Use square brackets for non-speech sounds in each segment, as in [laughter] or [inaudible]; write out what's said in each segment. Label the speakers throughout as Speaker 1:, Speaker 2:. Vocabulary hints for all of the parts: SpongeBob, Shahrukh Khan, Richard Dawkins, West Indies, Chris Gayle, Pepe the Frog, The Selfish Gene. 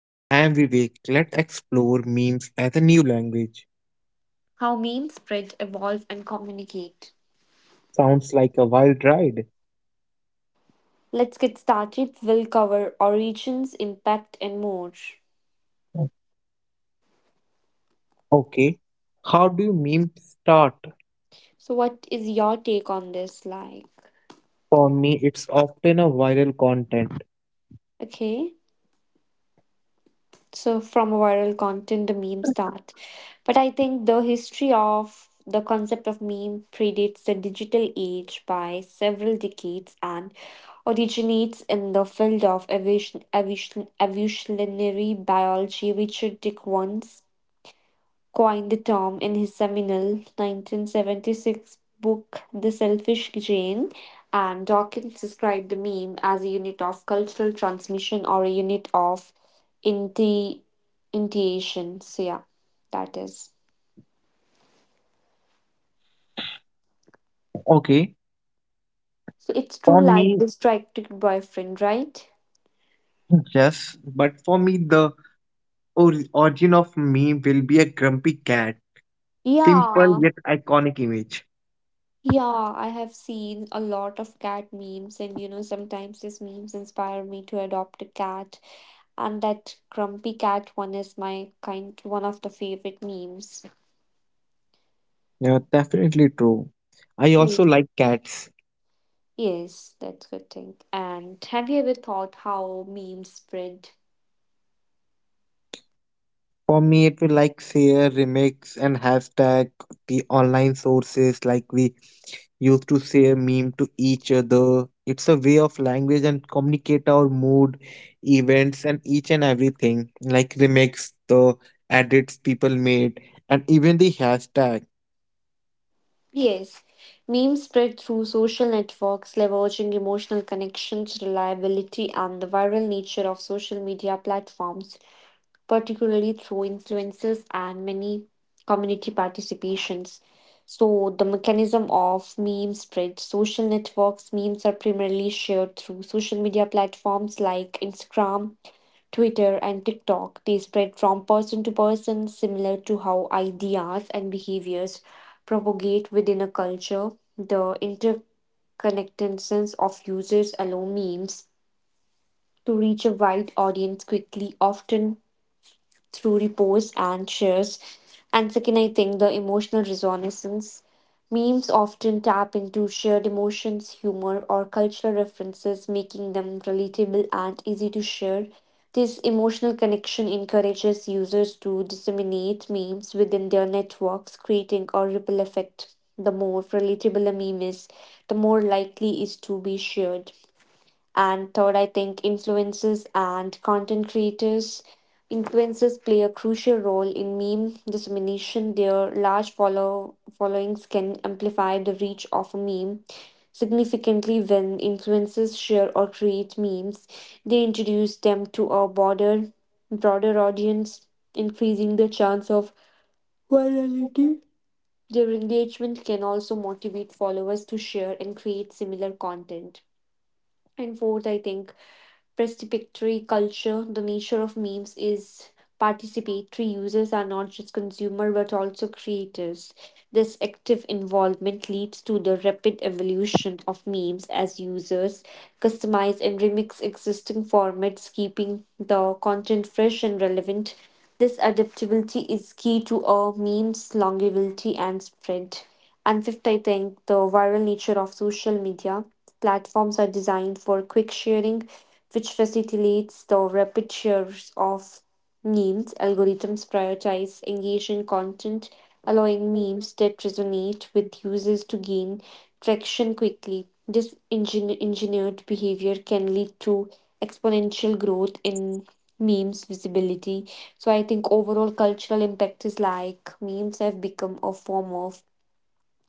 Speaker 1: And I am Vivek. Let's explore memes as a new language.
Speaker 2: How memes spread, evolve, and communicate.
Speaker 1: Sounds like a wild ride.
Speaker 2: Let's get started. We'll cover origins, impact, and more.
Speaker 1: Okay. How do memes start?
Speaker 2: So, what is your take on this?
Speaker 1: For me, it's often a viral content.
Speaker 2: Okay. So from a viral content the meme start, but I think the history of the concept of meme predates the digital age by several decades and originates in the field of evolutionary biology. Richard Dick once coined the term in his seminal 1976 book, The Selfish Gene, and Dawkins described the meme as a unit of cultural transmission or a unit of inti- initiation. So, yeah, that is.
Speaker 1: Okay.
Speaker 2: So, it's
Speaker 1: For
Speaker 2: true like
Speaker 1: me,
Speaker 2: distracted boyfriend, right?
Speaker 1: yes. But for me, the origin of meme will be a grumpy cat. Simple
Speaker 2: Yeah,
Speaker 1: yet iconic image.
Speaker 2: yeah, I have seen a lot of cat memes, and sometimes these memes inspire me to adopt a cat. And that grumpy cat one is my kind one of the favorite memes.
Speaker 1: Yeah, definitely true. I
Speaker 2: Yes,
Speaker 1: also like cats.
Speaker 2: yes, that's good thing. And have you ever thought how memes spread?
Speaker 1: For me, it will like share, remix, and hashtag the online sources like we used to say a meme to each other. It's a way of language and communicate our mood, events, and each and everything, like remakes, the edits people made, and even the hashtag.
Speaker 2: Yes, memes spread through social networks, leveraging emotional connections, reliability, and the viral nature of social media platforms, particularly through influences and many community participations. So, the mechanism of meme spread social networks, memes are primarily shared through social media platforms like Instagram, Twitter, and TikTok. They spread from person to person, similar to how ideas and behaviors propagate within a culture. The interconnectedness of users allow memes to reach a wide audience quickly, often through reposts and shares. And second, I think the emotional resonance. Memes often tap into shared emotions, humor, or cultural references, making them relatable and easy to share. This emotional connection encourages users to disseminate memes within their networks, creating a ripple effect. The more relatable a meme is, the more likely it is to be shared. And third, I think influencers and content creators. Influencers play a crucial role in meme dissemination. Their large followings can amplify the reach of a meme significantly when influencers share or create memes. They introduce them to a broader audience, increasing the chance of virality. Their engagement can also motivate followers to share and create similar content. And fourth, I think participatory culture, the nature of memes is participatory. Users are not just consumers but also creators. This active involvement leads to the rapid evolution of memes as users customize and remix existing formats, keeping the content fresh and relevant. This adaptability is key to a meme's longevity and spread. And fifth, I think the viral nature of social media platforms are designed for quick sharing, which facilitates the rapid shares of memes. Algorithms prioritize engaging content, allowing memes that resonate with users to gain traction quickly. This engineered behavior can lead to exponential growth in memes visibility. So I think overall cultural impact is like memes have become a form of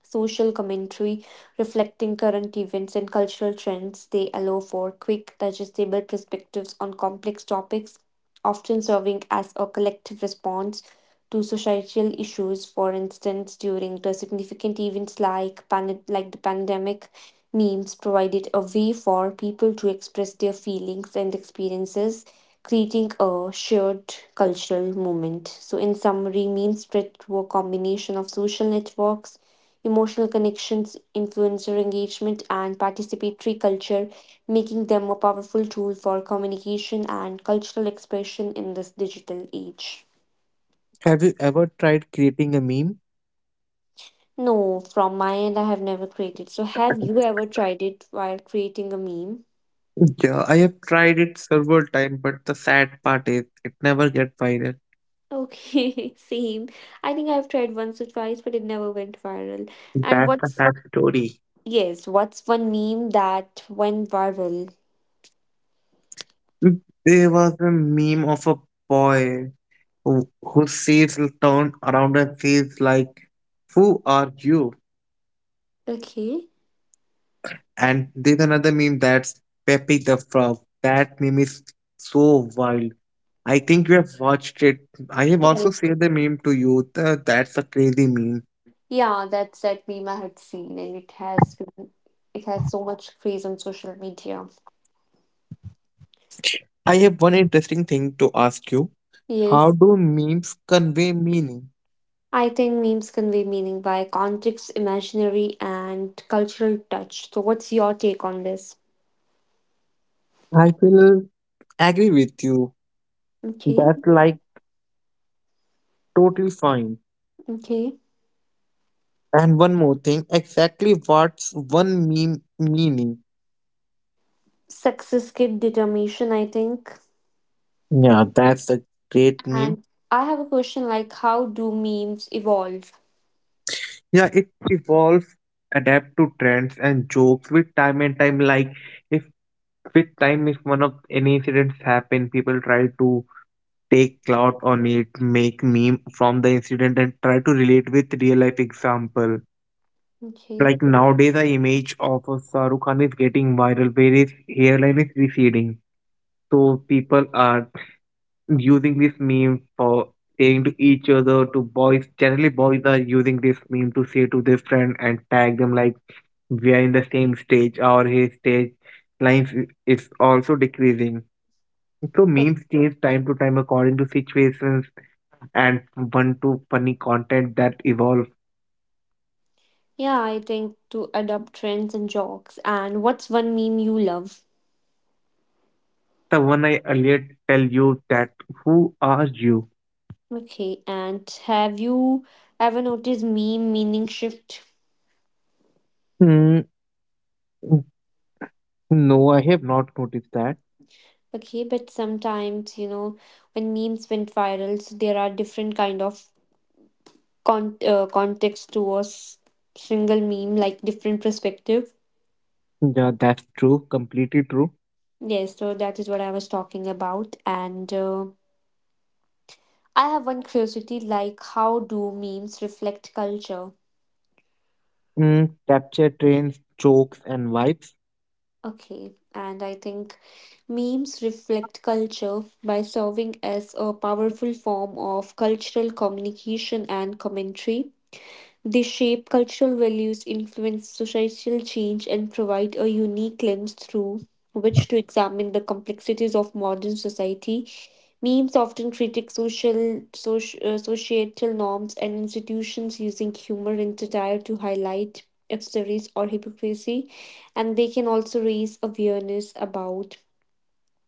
Speaker 2: social commentary reflecting current events and cultural trends. They allow for quick, digestible perspectives on complex topics, often serving as a collective response to societal issues. For instance, during the significant events like, like the pandemic, memes provided a way for people to express their feelings and experiences, creating a shared cultural moment. So, in summary, meme spread through a combination of social networks, emotional connections, influencer engagement, and participatory culture, making them a powerful tool for communication and cultural expression in this digital age.
Speaker 1: Have you ever tried creating a meme?
Speaker 2: No, from my end, I have never created. So, have you ever tried it while creating a meme?
Speaker 1: Yeah, I have tried it several times, but the sad part is it never get viral.
Speaker 2: Okay, [laughs] same. I think I've tried once or twice, but it never went viral. And
Speaker 1: That's a
Speaker 2: what's,
Speaker 1: sad story.
Speaker 2: yes, what's one meme that went viral?
Speaker 1: There was a meme of a boy who says turned around and says like, "Who are you?"
Speaker 2: Okay.
Speaker 1: And there's another meme that's Pepe the Frog. That meme is so wild. I think you have watched it. I have also
Speaker 2: Yes.
Speaker 1: shared the meme to you. That's a crazy meme.
Speaker 2: Yeah, that's that meme I had seen, and it has so much craze on social media.
Speaker 1: I have one interesting thing to ask you. How
Speaker 2: Yes,
Speaker 1: do memes convey meaning?
Speaker 2: I think memes convey meaning by context, imaginary, and cultural touch. So, what's your take on this?
Speaker 1: I will agree with you.
Speaker 2: Okay,
Speaker 1: That's like totally fine.
Speaker 2: okay.
Speaker 1: And one more thing, exactly what's one meme meaning?
Speaker 2: Success kid determination, I think.
Speaker 1: Yeah, that's a great meme.
Speaker 2: And I have a question like, how do memes evolve?
Speaker 1: Yeah, it evolves, adapt to trends and jokes with time and time. Like if with time, if one of any incidents happen, people try to take clout on it, make meme from the incident, and try to relate with real life example. Like
Speaker 2: Okay.
Speaker 1: nowadays, the image of a Shahrukh Khan is getting viral, where his hairline is receding. So people are using this meme for saying to each other to boys. Generally, boys are using this meme to say to their friend and tag them like we are in the same stage or his stage life is also decreasing. So memes change time to time according to situations and one to funny content that evolve
Speaker 2: Yeah, I think to adopt trends and jokes. And what's one meme you love?
Speaker 1: the one I earlier tell you that who are you.
Speaker 2: Okay, and have you ever noticed meme meaning shift?
Speaker 1: Hmm, no, I have not noticed that.
Speaker 2: Okay, but sometimes, you know, when memes went viral, so there are different kind of context to a single meme, like different perspective.
Speaker 1: Yeah, that's true, completely true.
Speaker 2: Yes, so that is what I was talking about. And I have one curiosity, like how do memes reflect culture?
Speaker 1: Mm, capture trains jokes and vibes.
Speaker 2: Okay, and I think memes reflect culture by serving as a powerful form of cultural communication and commentary. They shape cultural values, influence societal change, and provide a unique lens through which to examine the complexities of modern society. Memes often critique societal norms and institutions using humor and satire to highlight absurdities or hypocrisy, and they can also raise awareness about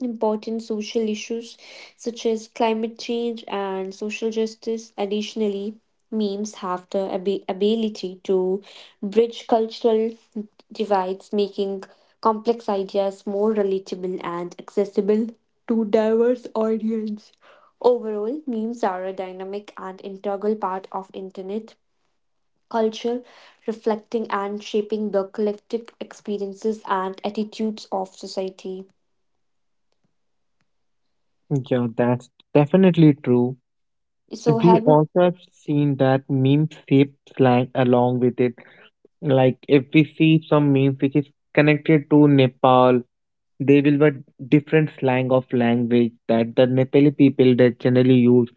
Speaker 2: important social issues such as climate change and social justice. Additionally, memes have the ability to bridge cultural divides, making complex ideas more relatable and accessible to diverse audience. Overall, memes are a dynamic and integral part of internet culture, reflecting and shaping the collective experiences and attitudes of society.
Speaker 1: Yeah, that's definitely true.
Speaker 2: So
Speaker 1: We
Speaker 2: have you
Speaker 1: also have seen that memes shape slang along with it. Like if we see some memes which is connected to Nepal, they will be different slang of language that the Nepali people that generally use.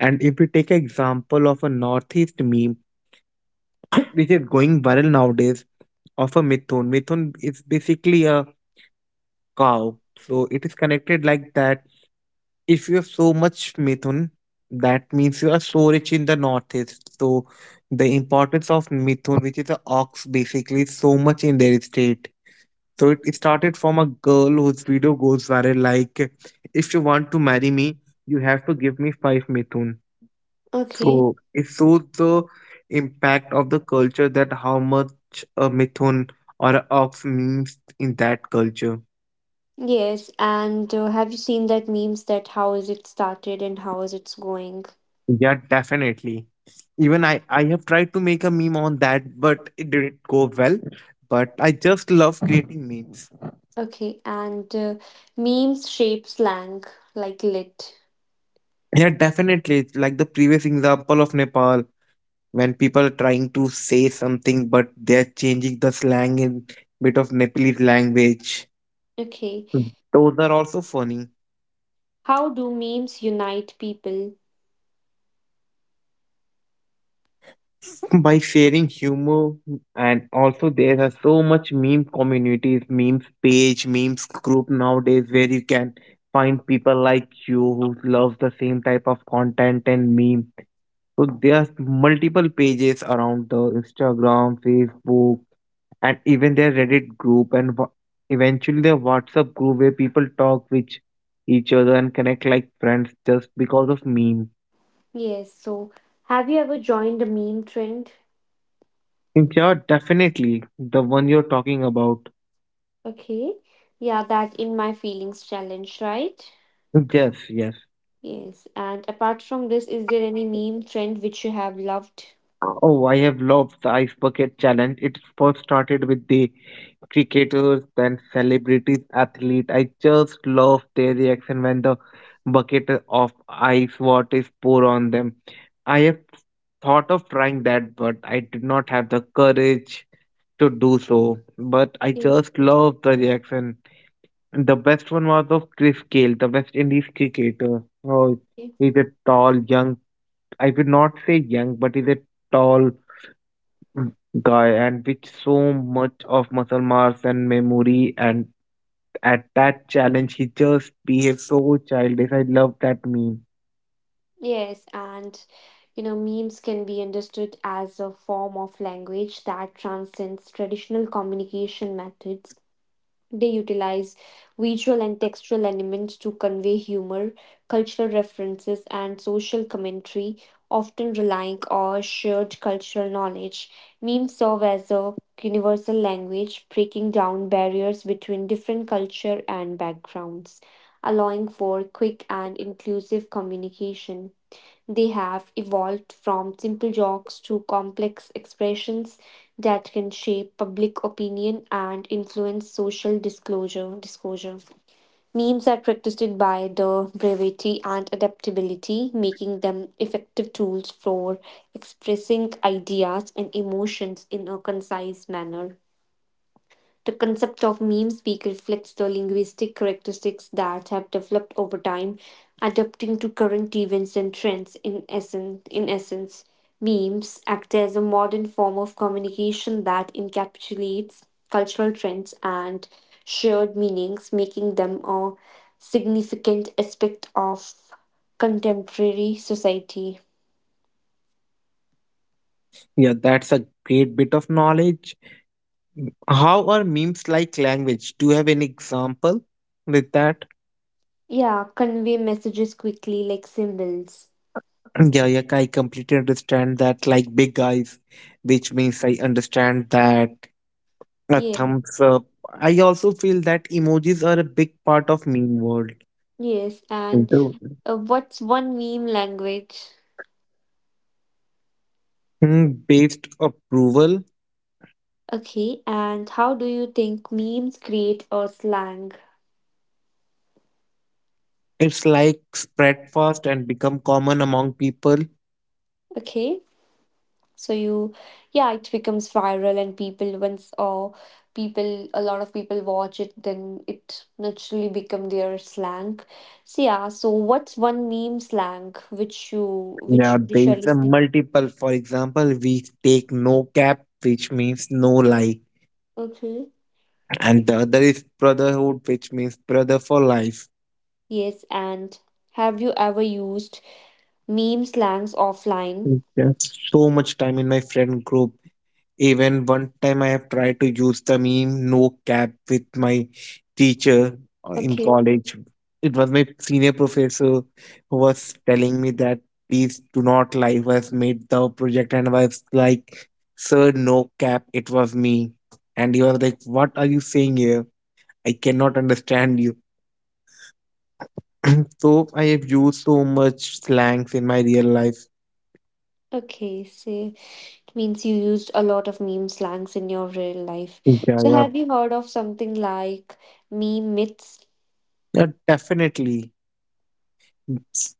Speaker 1: And if we take example of a northeast meme, [coughs] which is going viral nowadays, of a methun. Methun is basically a cow, so it is connected like that. If you have so much methun, that means you are so rich in the northeast. So the importance of methun, which is a ox, basically is so much in their state. So it started from a girl whose video goes viral like, if you want to marry me, you have to give me five methun.
Speaker 2: okay.
Speaker 1: So it shows the impact of the culture that how much a methun or a ox means in that culture.
Speaker 2: Yes, and have you seen that memes that how is it started and how is it's going?
Speaker 1: Yeah, definitely. Even I have tried to make a meme on that, but it didn't go well. But I just love creating memes.
Speaker 2: Okay, and memes shape slang like lit.
Speaker 1: Yeah, definitely. It's like the previous example of Nepal, when people are trying to say something but they're changing the slang in bit of Nepalese language.
Speaker 2: Okay,
Speaker 1: Those are also funny.
Speaker 2: how do memes unite people?
Speaker 1: [laughs] By sharing humor and also there are so much meme communities, memes page, memes group nowadays where you can find people like you who love the same type of content and meme. So there are multiple pages around the Instagram, Facebook, and even their Reddit group and eventually their WhatsApp group where people talk with each other and connect like friends just because of meme.
Speaker 2: Yes, so have you ever joined a meme trend?
Speaker 1: Yeah, definitely the one you're talking about.
Speaker 2: Okay, yeah, that in my feelings challenge, right?
Speaker 1: Yes, yes.
Speaker 2: Yes, and apart from this, is there any meme trend which you have loved?
Speaker 1: Oh, I have loved the ice bucket challenge. It first started with the cricketers then celebrities athlete. I just love their reaction when the bucket of ice water is poured on them. I have thought of trying that, but I did not have the courage to do so. But I
Speaker 2: Okay.
Speaker 1: just love the reaction. The best one was of Chris Gayle, the West Indies cricketer. Oh, he's a tall, young. I would not say young, but he's a tall guy and with so much of muscle mass and memory and at that challenge he just behaved so childish. I love that meme.
Speaker 2: Yes, and you know, memes can be understood as a form of language that transcends traditional communication methods. They utilize visual and textual elements to convey humor, cultural references, and social commentary, often relying on shared cultural knowledge. Memes serve as a universal language, breaking down barriers between different culture and backgrounds, allowing for quick and inclusive communication. They have evolved from simple jokes to complex expressions that can shape public opinion and influence social disclosure. Disclosure. Memes are characterized by their brevity and adaptability, making them effective tools for expressing ideas and emotions in a concise manner. The concept of meme speak reflects the linguistic characteristics that have developed over time, adapting to current events and trends. In essence, memes act as a modern form of communication that encapsulates cultural trends and shared meanings, making them a significant aspect of contemporary society.
Speaker 1: Yeah, that's a great bit of knowledge. How are memes like language, do you have any example with that?
Speaker 2: Yeah, convey messages quickly like symbols.
Speaker 1: [clears throat] Yeah, yeah, I completely understand that like big guys which means I understand that a
Speaker 2: Yeah,
Speaker 1: thumbs up. I also feel that emojis are a big part of meme world.
Speaker 2: yes, and
Speaker 1: So,
Speaker 2: what's one meme language?
Speaker 1: mm, based approval.
Speaker 2: Okay, and how do you think memes create a slang?
Speaker 1: It's like spread fast and become common among people.
Speaker 2: Okay, so you, yeah, it becomes viral and people once or people, a lot of people watch it, then it naturally become their slang. So yeah, so what's one meme slang which
Speaker 1: Yeah,
Speaker 2: you
Speaker 1: there is
Speaker 2: usually
Speaker 1: a
Speaker 2: see?
Speaker 1: multiple. For example, we take no cap, which means no lie,
Speaker 2: Okay.
Speaker 1: and the other is brotherhood, which means brother for life.
Speaker 2: Yes, and have you ever used meme slangs offline?
Speaker 1: Yes. So much time in my friend group. Even one time I have tried to use the meme no cap with my teacher in
Speaker 2: Okay.
Speaker 1: college. It was my senior professor who was telling me that please do not lie who has made the project and I was like, Sir, no cap, it was me. And he was like, What are you saying here? I cannot understand you. [clears throat] So I have used so much slangs in my real life.
Speaker 2: Okay, see, means you used a lot of meme slangs in your real life.
Speaker 1: Yeah,
Speaker 2: So
Speaker 1: yeah.
Speaker 2: have you heard of something like meme myths?
Speaker 1: Yeah, definitely.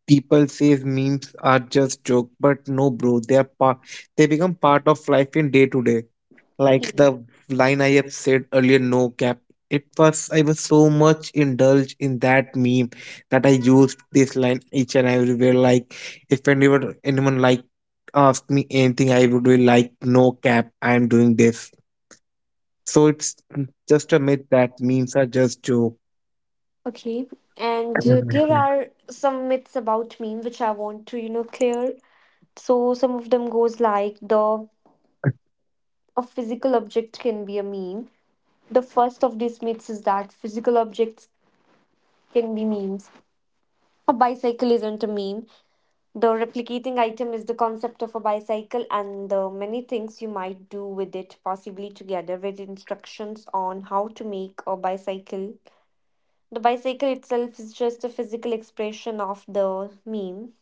Speaker 1: People says memes are just joke but no bro they are they become part of life in day to day like
Speaker 2: Yeah.
Speaker 1: the line I have said earlier, no cap. It was I was so much indulged in that meme that I used this line each and everywhere like if anyone like asked me anything I would be like, no cap, I am doing this. So it's just a myth that memes are just joke.
Speaker 2: Okay. And there
Speaker 1: [laughs]
Speaker 2: are some myths about meme which I want to, you know, clear. So some of them goes like the a physical object can be a meme. The first of these myths is that physical objects can be memes. A bicycle isn't a meme. The replicating item is the concept of a bicycle and the many things you might do with it, possibly together with instructions on how to make a bicycle. The bicycle itself is just a physical expression of the meme,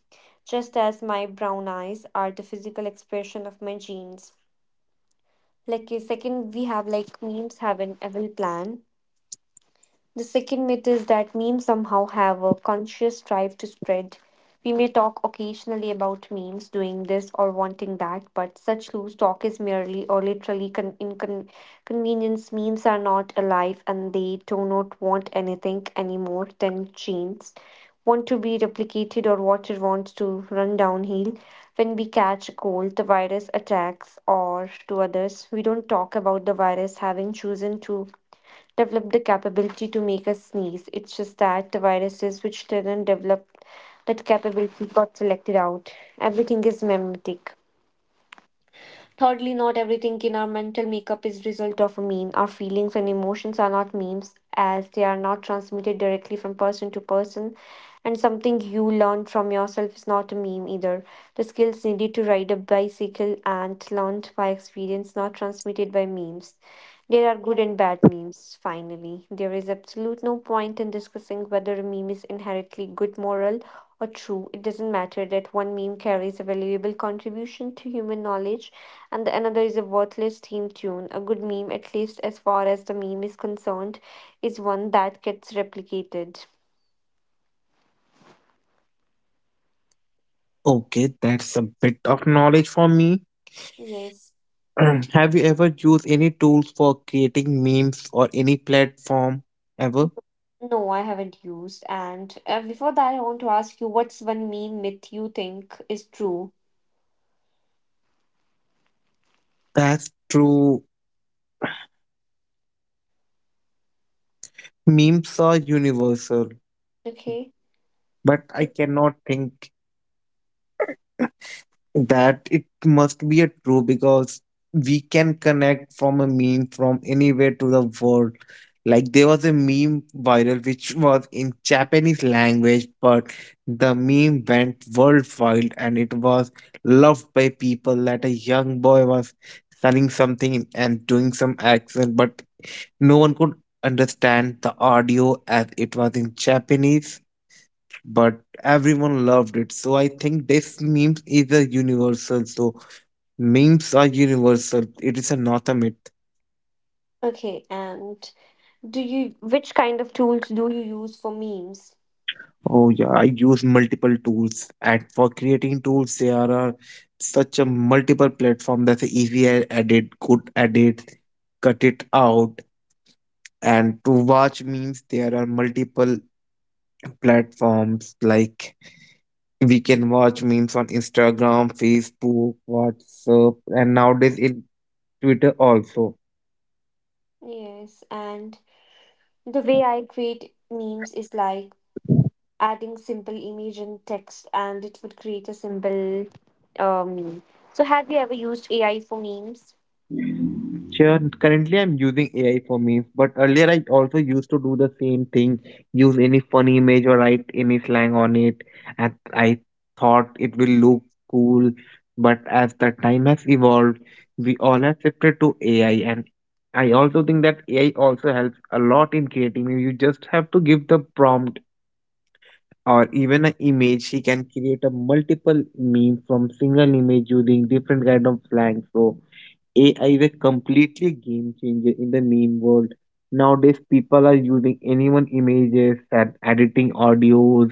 Speaker 2: just as my brown eyes are the physical expression of my jeans. Like a second, we have like memes have an evil plan. The second myth is that memes somehow have a conscious drive to spread. We may talk occasionally about memes doing this or wanting that, but such loose talk is merely or literally inconvenience. Memes are not alive and they do not want anything anymore than genes want to be replicated or water wants to run downhill. When we catch a cold, the virus attacks or to others. We don't talk about the virus having chosen to developed the capability to make us sneeze. It's just that the viruses which didn't develop that capability got selected out. Everything is memetic. Thirdly, not everything in our mental makeup is result of a meme. Our feelings and emotions are not memes as they are not transmitted directly from person to person. And something you learn from yourself is not a meme either. The skills needed to ride a bicycle and learned by experience, not transmitted by memes. There are good and bad memes, finally. There is absolute no point in discussing whether a meme is inherently good moral or true. It doesn't matter that one meme carries a valuable contribution to human knowledge and the another is a worthless theme tune. A good meme, at least as far as the meme is concerned, is one that gets replicated.
Speaker 1: Okay, that's a bit of knowledge for me.
Speaker 2: Yes.
Speaker 1: [clears throat] Have you ever used any tools for creating memes or any platform ever?
Speaker 2: No, I haven't used. And before that, I want to ask you what's one meme myth you think is true?
Speaker 1: That's true. Memes are universal,
Speaker 2: Okay.
Speaker 1: but I
Speaker 2: O-
Speaker 1: cannot think that it must be a true because we can connect from a meme from anywhere to the world. Like there was a meme viral which was in Japanese language but the meme went worldwide and it was loved by people that a young boy was selling something and doing some accent but no one could understand the audio as it was in Japanese, but everyone loved it. So I think this meme is a universal. So memes are universal. It is a not a myth.
Speaker 2: Okay. And do you, which kind of tools do you use for memes?
Speaker 1: Oh yeah, I use multiple tools, and for creating tools, there are such a multiple platform that's easy edit, good edit, cut it out. And to watch memes, there are multiple platforms like we can watch memes on Instagram, Facebook, WhatsApp, and nowadays in Twitter also.
Speaker 2: Yes. And the way I create memes is like adding simple image and text and it would create a simple meme. So, have you ever used AI for memes?
Speaker 1: Sure. Currently, I'm using AI for memes, but earlier I also used to do the same thing, use any funny image or write any slang on it, and I thought it will look cool. But as the time has evolved, we all have shifted to AI, and I also think that AI also helps a lot in creating memes. You just have to give the prompt or even an image. He can create a multiple meme from single image using different kind of slang. So AI is a completely game changer in the meme world. Nowadays, people are using anyone images and editing audios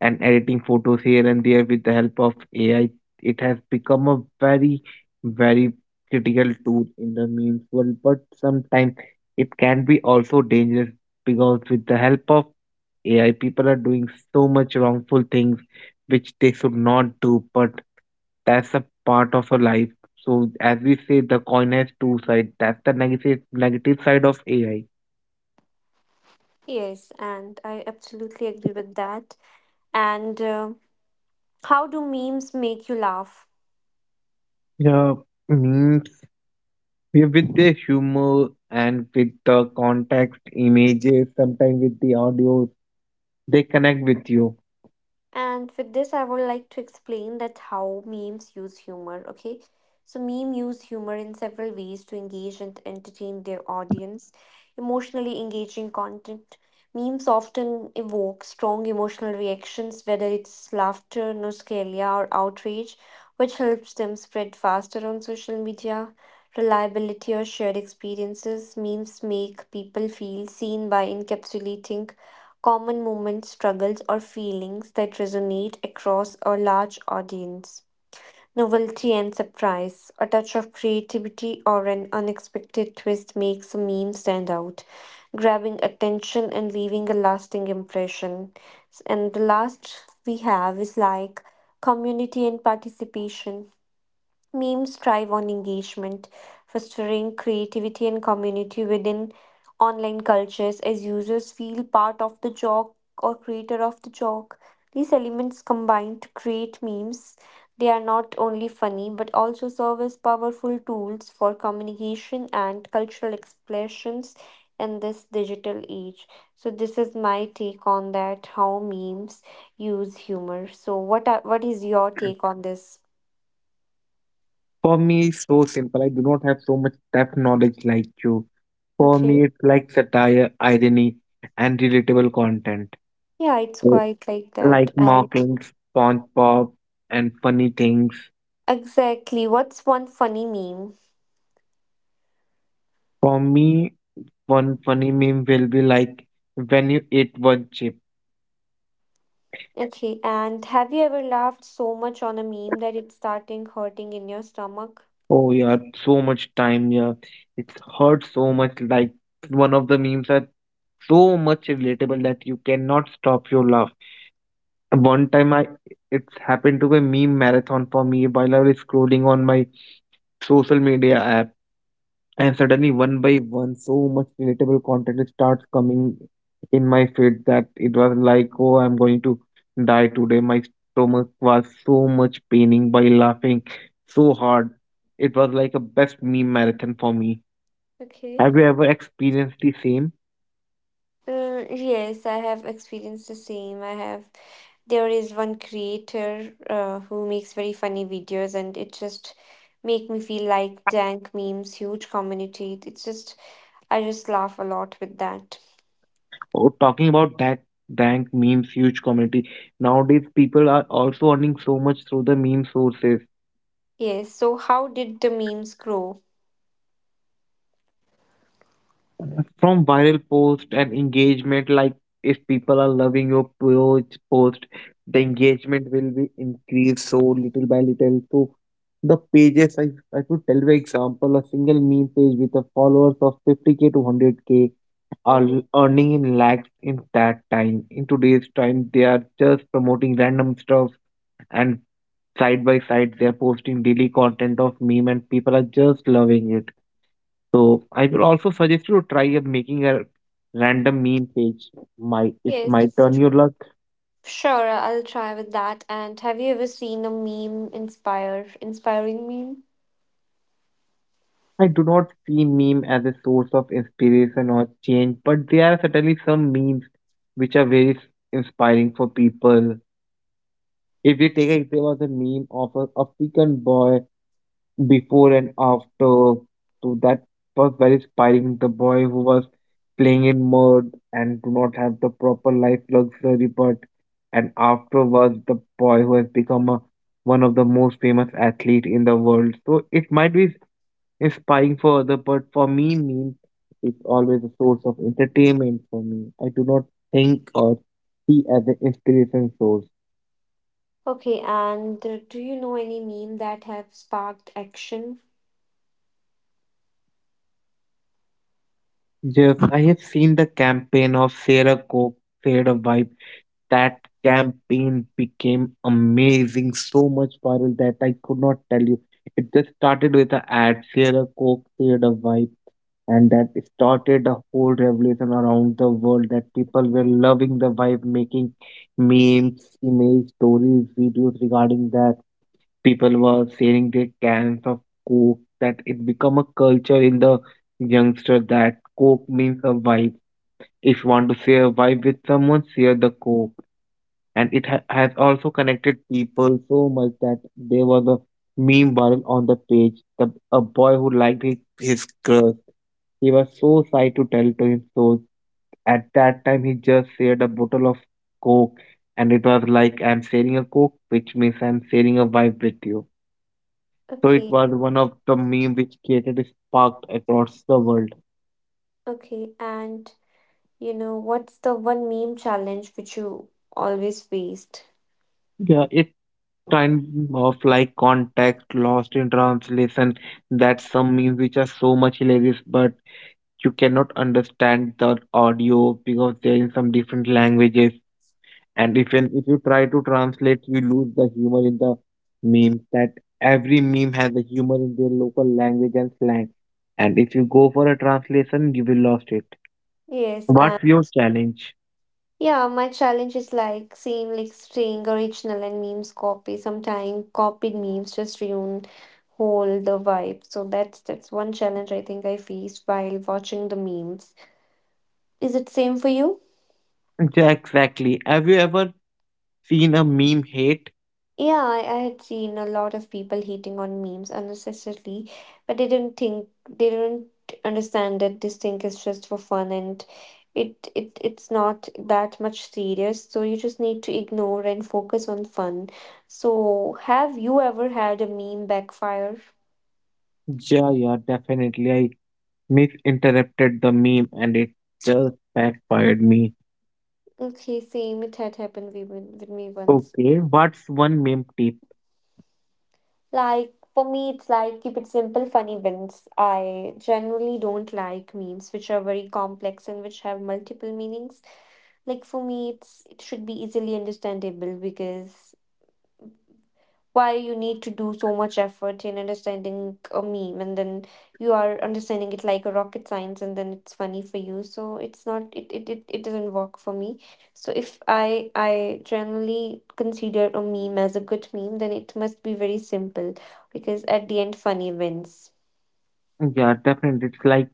Speaker 1: and editing photos here and there with the help of AI, it has become a very, critical tool in the memes world. But sometimes it can be also dangerous because with the help of AI, people are doing so much wrongful things which they should not do. But that's a part of a life. So as we say, the coin has two sides. That's the negative side of AI.
Speaker 2: Yes, and I absolutely agree with that. And how do memes make you laugh?
Speaker 1: Yeah, Memes with the humor and with the context images sometimes with the audio they connect with you.
Speaker 2: And with this, I would like to explain that how memes use humor. Okay, so meme use humor in several ways to engage and entertain their audience. Emotionally engaging content. Memes often evoke strong emotional reactions, whether it's laughter, nostalgia, or outrage, which helps them spread faster on social media. Reliability or shared experiences. Memes make people feel seen by encapsulating common moments, struggles, or feelings that resonate across a large audience. Novelty and surprise, a touch of creativity or an unexpected twist makes a meme stand out, grabbing attention and leaving a lasting impression. And the last we have is like community and participation. Memes thrive on engagement, fostering creativity and community within online cultures as users feel part of the joke or creator of the joke. These elements combine to create memes. They are not only funny but also serve as powerful tools for communication and cultural expressions in this digital age. So this is my take on that how memes use humor. So what is your take on this?
Speaker 1: For me it's so simple, I do not have so much depth knowledge like you. For me
Speaker 2: Okay.
Speaker 1: it's like satire, irony and relatable content.
Speaker 2: Yeah, it's
Speaker 1: Oh,
Speaker 2: quite like that.
Speaker 1: like
Speaker 2: And
Speaker 1: mockings SpongeBob and funny things.
Speaker 2: exactly, what's one funny meme?
Speaker 1: For me one funny meme will be like when you eat one chip.
Speaker 2: Okay, and have you ever laughed so much on a meme that it's starting hurting in your stomach?
Speaker 1: Oh yeah, so much time, yeah. It hurts so much like one of the memes are so much relatable that you cannot stop your laugh. One time, I it's happened to be meme marathon for me while I was scrolling on my social media app, and suddenly one by one, so much relatable content starts coming in my feed that it was like, oh, I'm going to die today. My stomach was so much paining by laughing so hard. It was like a best meme marathon for me.
Speaker 2: Okay.
Speaker 1: Have you ever experienced the same?
Speaker 2: Yes, I have experienced the same. I have. There is one creator who makes very funny videos, and it just make me feel like dank memes, huge community. It's just I just laugh a lot with that.
Speaker 1: Oh, talking about that bank memes, huge community. Nowadays, people are also earning so much through the meme sources,
Speaker 2: Yes. So how did the memes grow?
Speaker 1: from viral post and engagement. Like if people are loving your post, the engagement will be increased so little by little. So the pages I I could tell you example, a single meme page with a followers of 50K to 100K are
Speaker 2: Mm-hmm.
Speaker 1: earning in lakhs. In that time, in today's time, they are just promoting random stuff, and side by side they are posting daily content of meme and people are just loving it. So I will also suggest you to try making a random meme page. Might it
Speaker 2: Yes.
Speaker 1: might
Speaker 2: So
Speaker 1: turn your luck.
Speaker 2: sure, I'll try with that. And have you ever seen a meme inspire inspiring meme?
Speaker 1: I do not see meme as a source of inspiration or change, but there are certainly some memes which are very inspiring for people. If we take a there was a meme of a African boy, before and after. So that was very inspiring. The boy who was playing in mud and do not have the proper life luxury, but and after was the boy who has become a, one of the most famous athlete in the world. So it might be inspiring for other, but for me means it's always a source of entertainment for me. I do not think or see as an inspiration source.
Speaker 2: Okay, and do you know any meme that have sparked action?
Speaker 1: Yes, I have seen the campaign of Sarah Coke, Fade a Vibe. That campaign became amazing, so much viral that I could not tell you. It just started with a ad, share a coke, share a vibe, and that started a whole revolution around the world that people were loving the vibe, making memes, image, stories, videos regarding that. People were sharing their cans of coke, that it become a culture in the youngster that coke means a vibe. If you want to share a vibe with someone, share the coke. And it has also connected people so much that there was a meme viral on the page. A boy who liked his crush. He was so sad to tell to him. So at that time, he just shared a bottle of coke, and it was like, "I'm sharing a coke, which means I'm sharing a vibe with you." So it
Speaker 2: Okay,
Speaker 1: was one of the meme which created a spark across the world.
Speaker 2: okay, and you know, what's the one meme challenge which you always faced?
Speaker 1: Yeah, it's kind of like context lost in translation. That some memes which are so much hilarious, but you cannot understand the audio because they're in some different languages. And if even if you try to translate, you lose the humor in the meme. That every meme has a humor in their local language and slang, and if you go for a translation you will lost it.
Speaker 2: Yes, and
Speaker 1: What's your challenge?
Speaker 2: yeah, my challenge is like seeing like staying original and memes copy. Sometimes copied memes just ruin hold the vibe. So that's one challenge I think I faced while watching the memes. Is it same for you?
Speaker 1: [laughs] Yeah, exactly. Have you ever seen a meme hate?
Speaker 2: Yeah, I had seen a lot of people hating on memes unnecessarily, but they didn't understand that this thing is just for fun and it's not that much serious. So you just need to ignore and focus on fun. So have you ever had a meme backfire?
Speaker 1: Yeah, definitely. I misinterpreted the meme and it just backfired me.
Speaker 2: Okay, same. It had happened with me once.
Speaker 1: Okay, what's one meme tip?
Speaker 2: Like for me, it's like keep it simple, funny wins. I generally don't like memes which are very complex and which have multiple meanings. Like for me, it's it should be easily understandable because why you need to do so much effort in understanding a meme and then you are understanding it like a rocket science and then it's funny for you so it's not it doesn't work for me. So if I generally consider a meme as a good meme then it must be very simple, because at the end funny wins.
Speaker 1: Yeah, definitely. It's like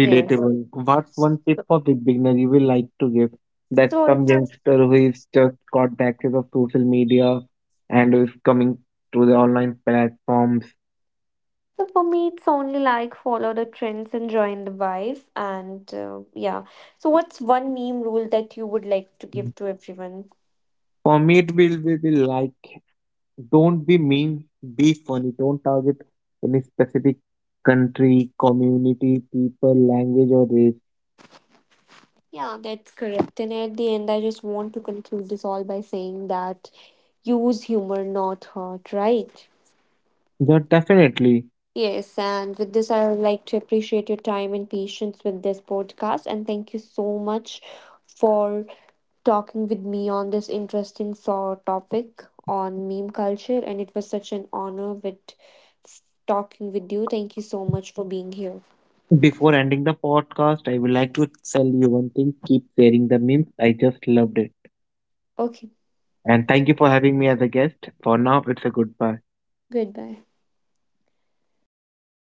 Speaker 2: Yes,
Speaker 1: What's one tip
Speaker 2: so
Speaker 1: for the beginner you will like to give, that
Speaker 2: so
Speaker 1: some
Speaker 2: it,
Speaker 1: youngster who is just got the access of social media and is coming to the online platforms?
Speaker 2: so for me it's only like follow the trends and join the vibe and yeah. So what's one meme rule that you would like to give to everyone?
Speaker 1: For me, it will be like don't be mean, be funny. Don't target any specific country, community, people, language, or race.
Speaker 2: Yeah, that's correct. And at the end, I just want to conclude this all by saying that use humor, not hurt, right?
Speaker 1: Yeah, definitely.
Speaker 2: Yes, and with this, I would like to appreciate your time and patience with this podcast. And thank you so much for talking with me on this interesting topic on meme culture. And it was such an honor with talking with you. Thank you so much for being here.
Speaker 1: Before ending the podcast, I would like to tell you one thing. Keep sharing the memes. I just loved it.
Speaker 2: Okay,
Speaker 1: And thank you for having me as a guest. For now, it's a goodbye.
Speaker 2: goodbye.